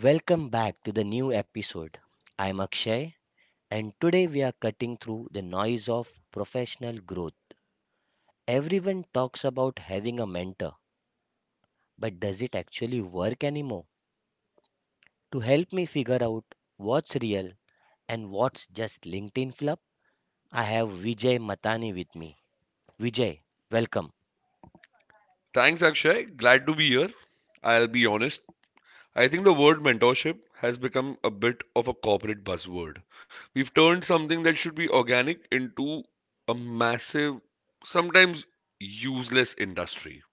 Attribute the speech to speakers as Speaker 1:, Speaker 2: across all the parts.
Speaker 1: Welcome back to the new episode. I'm Akshay, and today we are cutting through the noise of professional growth. Everyone talks about having a mentor, but does it actually work anymore? To help me figure out what's real and what's just LinkedIn fluff, I have Vijay Matani with me. Vijay, welcome.
Speaker 2: Thanks, Akshay. Glad to be here. I'll be honest. I think the word mentorship has become a bit of a corporate buzzword. We've turned something that should be organic into a massive, sometimes useless industry.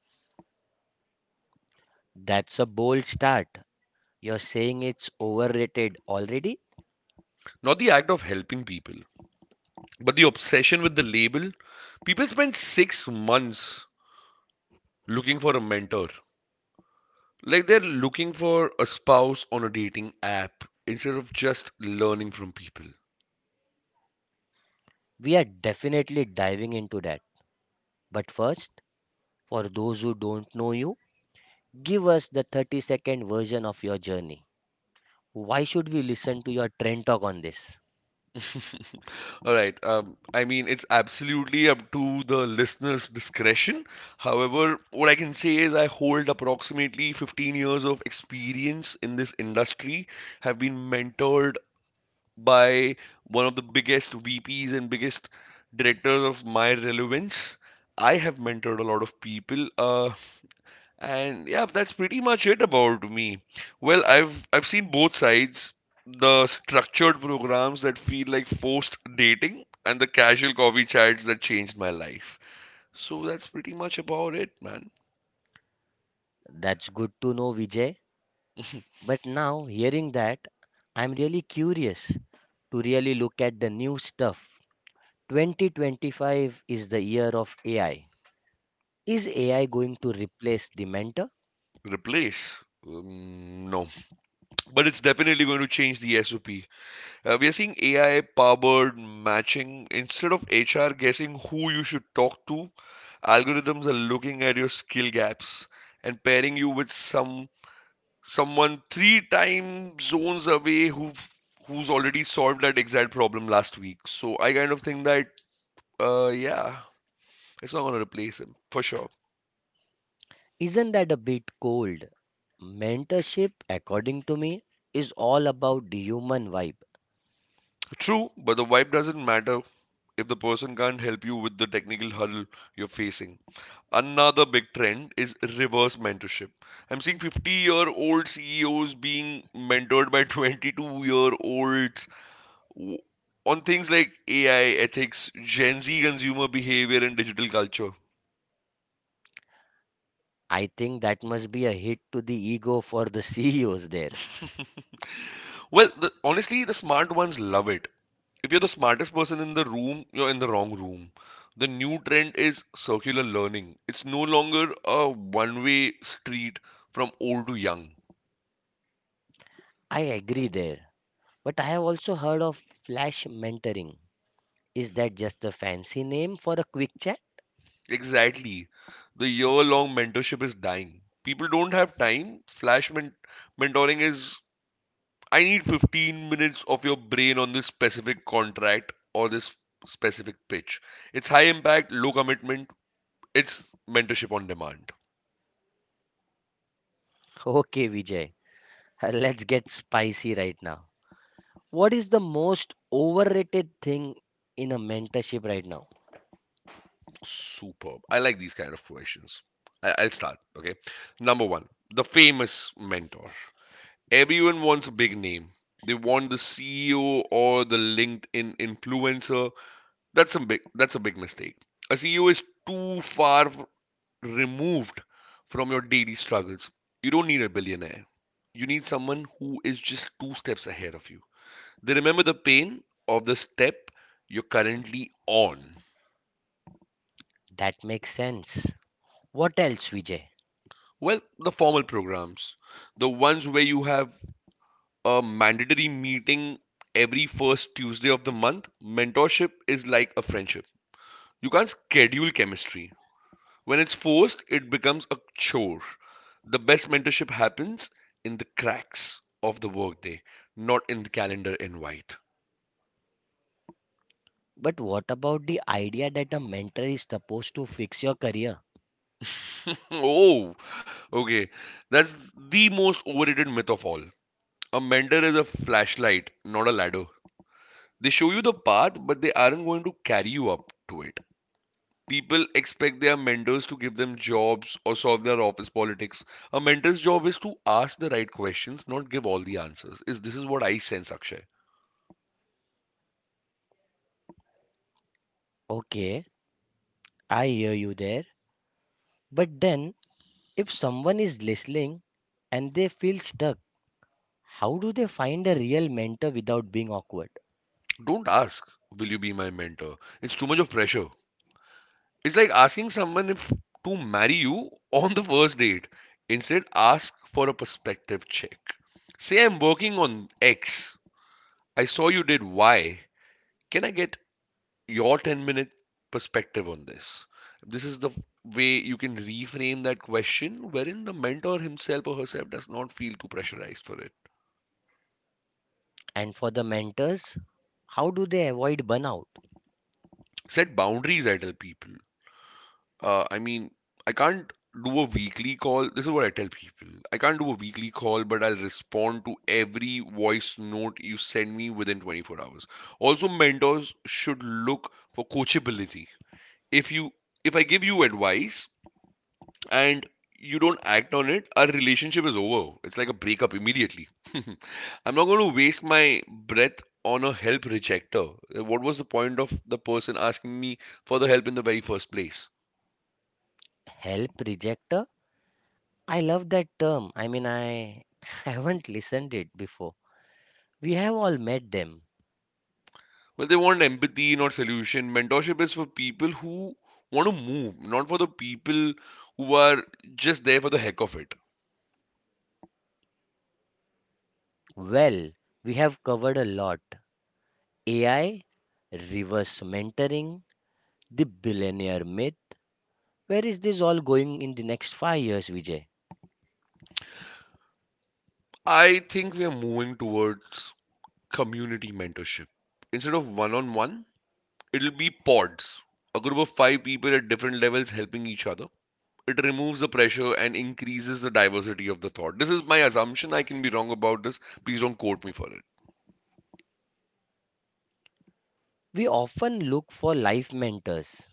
Speaker 1: That's a bold start. You're saying it's overrated already?
Speaker 2: Not the act of helping people, but the obsession with the label. People spend 6 months looking for a mentor. Like they're looking for a spouse on a dating app instead of just learning from people.
Speaker 1: We are definitely diving into that. But first, for those who don't know you, give us the 30-second version of your journey. Why should we listen to your trend talk on this?
Speaker 2: All right. I mean, it's absolutely up to the listener's discretion. However, what I can say is I hold approximately 15 years of experience in this industry, have been mentored by one of the biggest VPs and biggest directors of my relevance. I have mentored a lot of people. And yeah, that's pretty much it about me. Well, I've seen both sides, the structured programs that feel like forced dating and the casual coffee chats that changed my life. So that's pretty much about it, man.
Speaker 1: That's good to know, Vijay. But now, hearing that, I'm really curious to really look at the new stuff. 2025 is the year of AI. Is AI going to replace the mentor?
Speaker 2: Replace. No, but it's definitely going to change the SOP. We are seeing AI powered matching instead of HR guessing who you should talk to. Algorithms are looking at your skill gaps and pairing you with someone 3 time zones away who's already solved that exact problem last week. So I kind of think that yeah, it's not gonna replace him for sure.
Speaker 1: Isn't that a bit cold? Mentorship, according to me, is all about the human vibe.
Speaker 2: True, but the vibe doesn't matter if the person can't help you with the technical hurdle you're facing. Another big trend is reverse mentorship. I'm seeing 50-year-old CEOs being mentored by 22-year-olds on things like AI, ethics, Gen Z consumer behavior, and digital culture.
Speaker 1: I think that must be a hit to the ego for the CEOs there.
Speaker 2: Well, honestly, the smart ones love it. If you're the smartest person in the room, you're in the wrong room. The new trend is circular learning. It's no longer a one-way street from old to young.
Speaker 1: I agree there. But I have also heard of flash mentoring. Is that just a fancy name for a quick chat?
Speaker 2: Exactly. The year-long mentorship is dying. People don't have time. Flash mentoring is, I need 15 minutes of your brain on this specific contract or this specific pitch. It's high impact, low commitment, it's mentorship on demand.
Speaker 1: Okay, Vijay, let's get spicy right now. What is the most overrated thing in a mentorship right now?
Speaker 2: Superb. I like these kind of questions. I'll start. Okay. Number one, the famous mentor. Everyone wants a big name. They want the CEO or the LinkedIn influencer. That's a big mistake. A CEO is too far removed from your daily struggles. You don't need a billionaire. You need someone who is just two steps ahead of you. They remember the pain of the step you're currently on.
Speaker 1: That makes sense. What else, Vijay?
Speaker 2: Well, the formal programs, the ones where you have a mandatory meeting every first Tuesday of the month, mentorship is like a friendship. You can't schedule chemistry. When it's forced, it becomes a chore. The best mentorship happens in the cracks of the workday, not in the calendar invite.
Speaker 1: But what about the idea that a mentor is supposed to fix your career?
Speaker 2: Oh, okay. That's the most overrated myth of all. A mentor is a flashlight, not a ladder. They show you the path, but they aren't going to carry you up to it. People expect their mentors to give them jobs or solve their office politics. A mentor's job is to ask the right questions, not give all the answers. Is this is what I sense, Akshay.
Speaker 1: Okay, I hear you there. But then, if someone is listening and they feel stuck, how do they find a real mentor without being awkward?
Speaker 2: Don't ask, will you be my mentor? It's too much of pressure. It's like asking someone if to marry you on the first date. Instead, ask for a perspective check. Say I'm working on X. I saw you did Y. Can I get your 10-minute perspective on this. This is the way you can reframe that question wherein the mentor himself or herself does not feel too pressurized for it.
Speaker 1: And for the mentors, how do they avoid burnout?
Speaker 2: Set boundaries, I tell people. I mean, I can't do a weekly call. This is what I tell people. I can't do a weekly call, but I'll respond to every voice note you send me within 24 hours. Also, mentors should look for coachability. If you if I give you advice, and you don't act on it, our relationship is over. It's like a breakup immediately. I'm not going to waste my breath on a help rejector. What was the point of the person asking me for the help in the very first place?
Speaker 1: Help rejector? I love that term. I mean, I haven't listened it before. We have all met them.
Speaker 2: Well, they want empathy, not solution. Mentorship is for people who want to move, not for the people who are just there for the heck of it.
Speaker 1: Well, we have covered a lot. AI, reverse mentoring, the billionaire myth. Where is this all going in the next 5 years, Vijay?
Speaker 2: I think we are moving towards community mentorship. Instead of one on one, it'll be pods. A group of five people at different levels helping each other. It removes the pressure and increases the diversity of the thought. This is my assumption. I can be wrong about this. Please don't quote me for it.
Speaker 1: We often look for life mentors,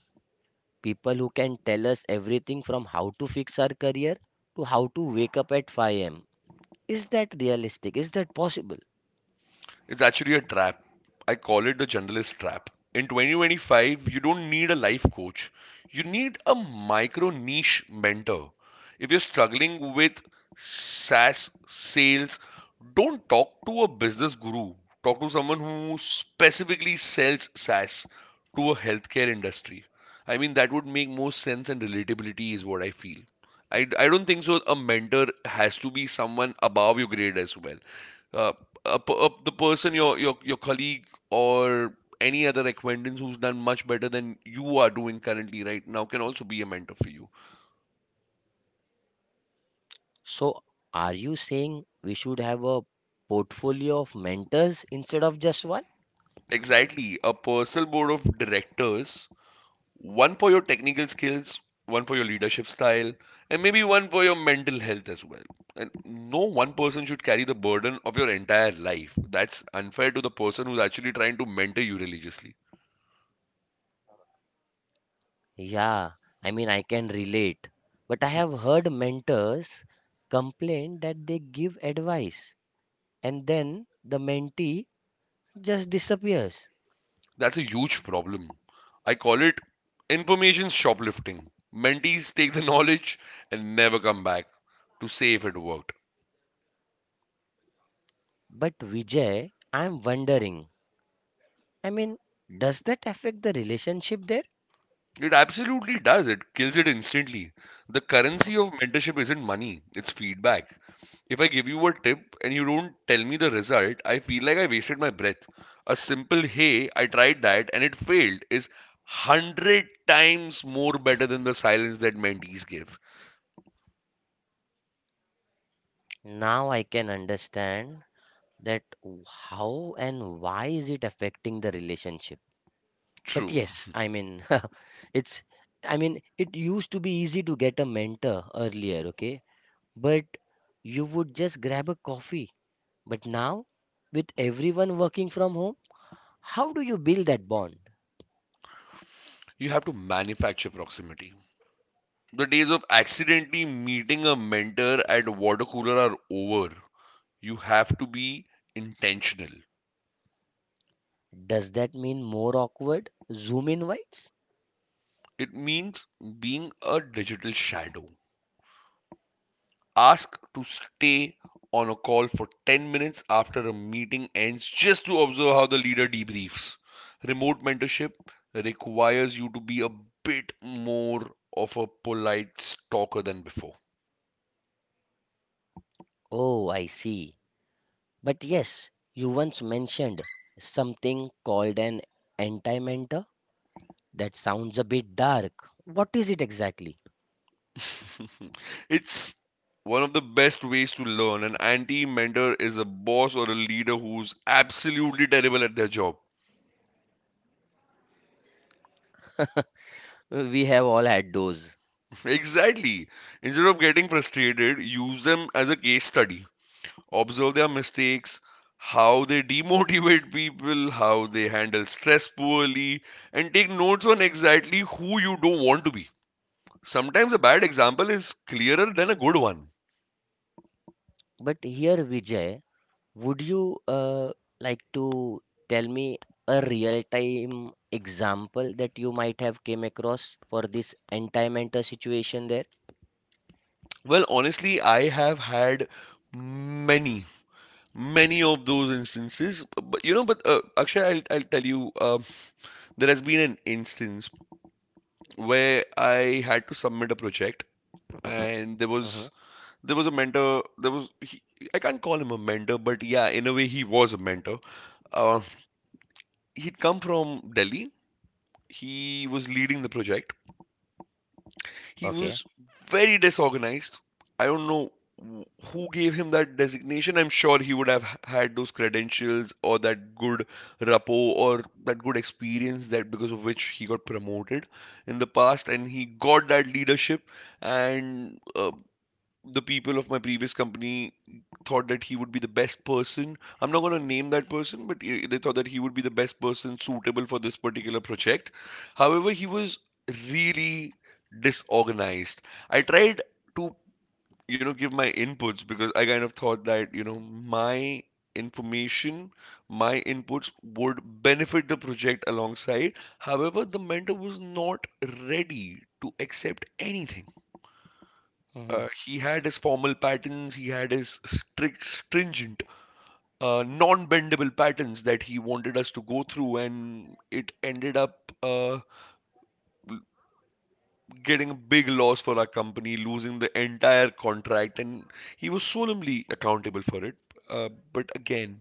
Speaker 1: people who can tell us everything from how to fix our career to how to wake up at 5 a.m. Is that realistic? Is that possible?
Speaker 2: It's actually a trap. I call it the generalist trap. In 2025, you don't need a life coach. You need a micro niche mentor. If you're struggling with SaaS sales, don't talk to a business guru. Talk to someone who specifically sells SaaS to a healthcare industry. I mean, that would make more sense, and relatability is what I feel. I don't think so. A mentor has to be someone above your grade as well. Uh, the person, your colleague or any other acquaintance who's done much better than you are doing currently right now, can also be a mentor for you.
Speaker 1: So, are you saying we should have a portfolio of mentors instead of just one?
Speaker 2: Exactly, a personal board of directors. One for your technical skills, one for your leadership style, and maybe one for your mental health as well. And no one person should carry the burden of your entire life. That's unfair to the person who's actually trying to mentor you religiously.
Speaker 1: Yeah, I mean, I can relate. But I have heard mentors complain that they give advice and then the mentee just disappears.
Speaker 2: That's a huge problem. I call it information shoplifting. Mentees take the knowledge and never come back to say if it worked.
Speaker 1: But Vijay, I'm wondering, I mean, does that affect the relationship there?
Speaker 2: It absolutely does. It kills it instantly. The currency of mentorship isn't money, it's feedback. If I give you a tip and you don't tell me the result, I feel like I wasted my breath. A simple hey, I tried that and it failed is 100 times more better than the silence that mentees give.
Speaker 1: Now I can understand that how and why is it affecting the relationship. But
Speaker 2: True,
Speaker 1: yes, I mean, it's, I mean, it used to be easy to get a mentor earlier, okay? But you would just grab a coffee. But now, with everyone working from home, how do you build that bond?
Speaker 2: you have to manufacture proximity. The days of accidentally meeting a mentor at a water cooler are over. You have to be intentional.
Speaker 1: Does that mean more awkward Zoom invites?
Speaker 2: It means being a digital shadow. Ask to stay on a call for 10 minutes after a meeting ends just to observe how the leader debriefs. Remote mentorship requires you to be a bit more of a polite stalker than before.
Speaker 1: Oh, I see. But yes, you once mentioned something called an anti mentor. That sounds a bit dark. What is it exactly?
Speaker 2: It's one of the best ways to learn. An anti mentor is a boss or a leader who's absolutely terrible at their job.
Speaker 1: We have all had those.
Speaker 2: Exactly. Instead of getting frustrated, use them as a case study. Observe their mistakes, how they demotivate people, how they handle stress poorly, and take notes on exactly who you don't want to be. Sometimes a bad example is clearer than a good one.
Speaker 1: But here, Vijay, would you like to tell me a real-time example that you might have came across for this anti-mentor situation there?
Speaker 2: Well, honestly, I have had many many of those instances, but Akshay, I'll tell you. There has been an instance where I had to submit a project, and there
Speaker 1: Hmm.
Speaker 2: was there was a mentor. I can't call him a mentor, but yeah, in a way he was a mentor. uh, He'd come from Delhi. He was leading the project. He
Speaker 1: Okay.
Speaker 2: was very disorganized. I don't know who gave him that designation. I'm sure he would have had those credentials or that good rapport or that good experience that because of which he got promoted in the past and he got that leadership, and the people of my previous company thought that he would be the best person. I'm not going to name that person, but they thought that he would be the best person suitable for this particular project. However, he was really disorganized. I tried to give my inputs, because I kind of thought that, information, my inputs would benefit the project alongside. However, the mentor was not ready to accept anything.
Speaker 1: Hmm.
Speaker 2: He had his formal patterns, he had his strict, stringent, non bendable patterns that he wanted us to go through, and it ended up getting a big loss for our company, losing the entire contract, and he was solemnly accountable for it. But again,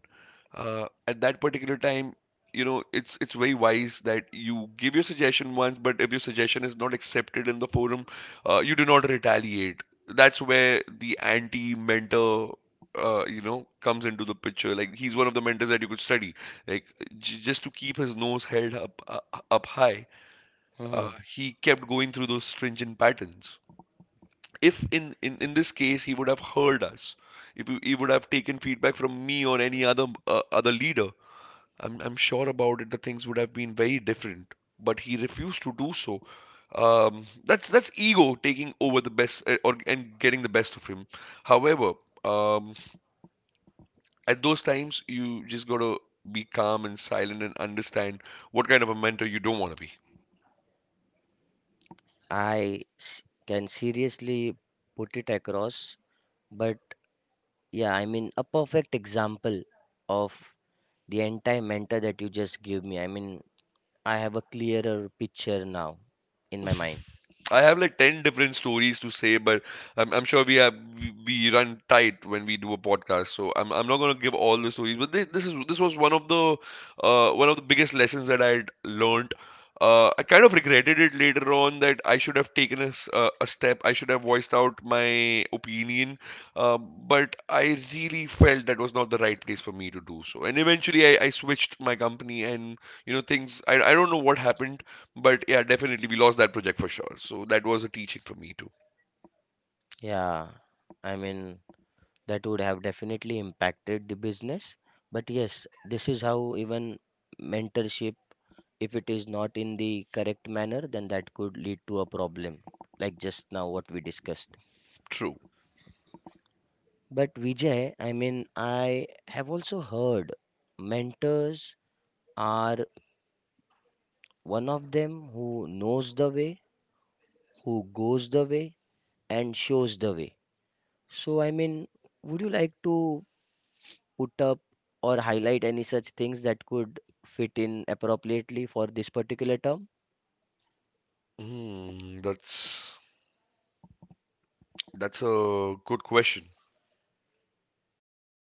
Speaker 2: at that particular time, it's very wise that you give your suggestion once, but if your suggestion is not accepted in the forum, you do not retaliate. That's where the anti-mentor comes into the picture. Like he's one of the mentors that you could study, like just to keep his nose held up high.
Speaker 1: Hmm.
Speaker 2: uh, he kept going through those stringent patterns. If in this case he would have heard us, if he would have taken feedback from me or any other leader, I'm sure about it, the things would have been very different. But he refused to do so. That's ego taking over the best, or and getting the best of him. However, um, at those times you just gotta be calm and silent and understand what kind of a mentor you don't want to be.
Speaker 1: I s- can seriously put it across, but yeah, I mean a perfect example of the anti-mentor that you just gave me. I mean, I have a clearer picture now in my mind.
Speaker 2: I have like 10 different stories to say, but I'm sure we run tight when we do a podcast. So I'm not gonna give all the stories, but this was one of the biggest lessons that I had learned. I kind of regretted it later on that I should have taken a step. I should have voiced out my opinion, but I really felt that was not the right place for me to do so. And eventually, I switched my company, and you know things. I don't know what happened. But yeah, definitely we lost that project for sure. So that was a teaching for me too.
Speaker 1: Yeah, I mean, that would have definitely impacted the business, but yes, this is how even mentorship, if it is not in the correct manner, then that could lead to a problem, like just now what we discussed.
Speaker 2: True.
Speaker 1: But Vijay, I mean, I have also heard mentors are one of them who knows the way, who goes the way, and shows the way. So I mean, would you like to put up or highlight any such things that could fit in appropriately for this particular term?
Speaker 2: Hmm, that's a good question.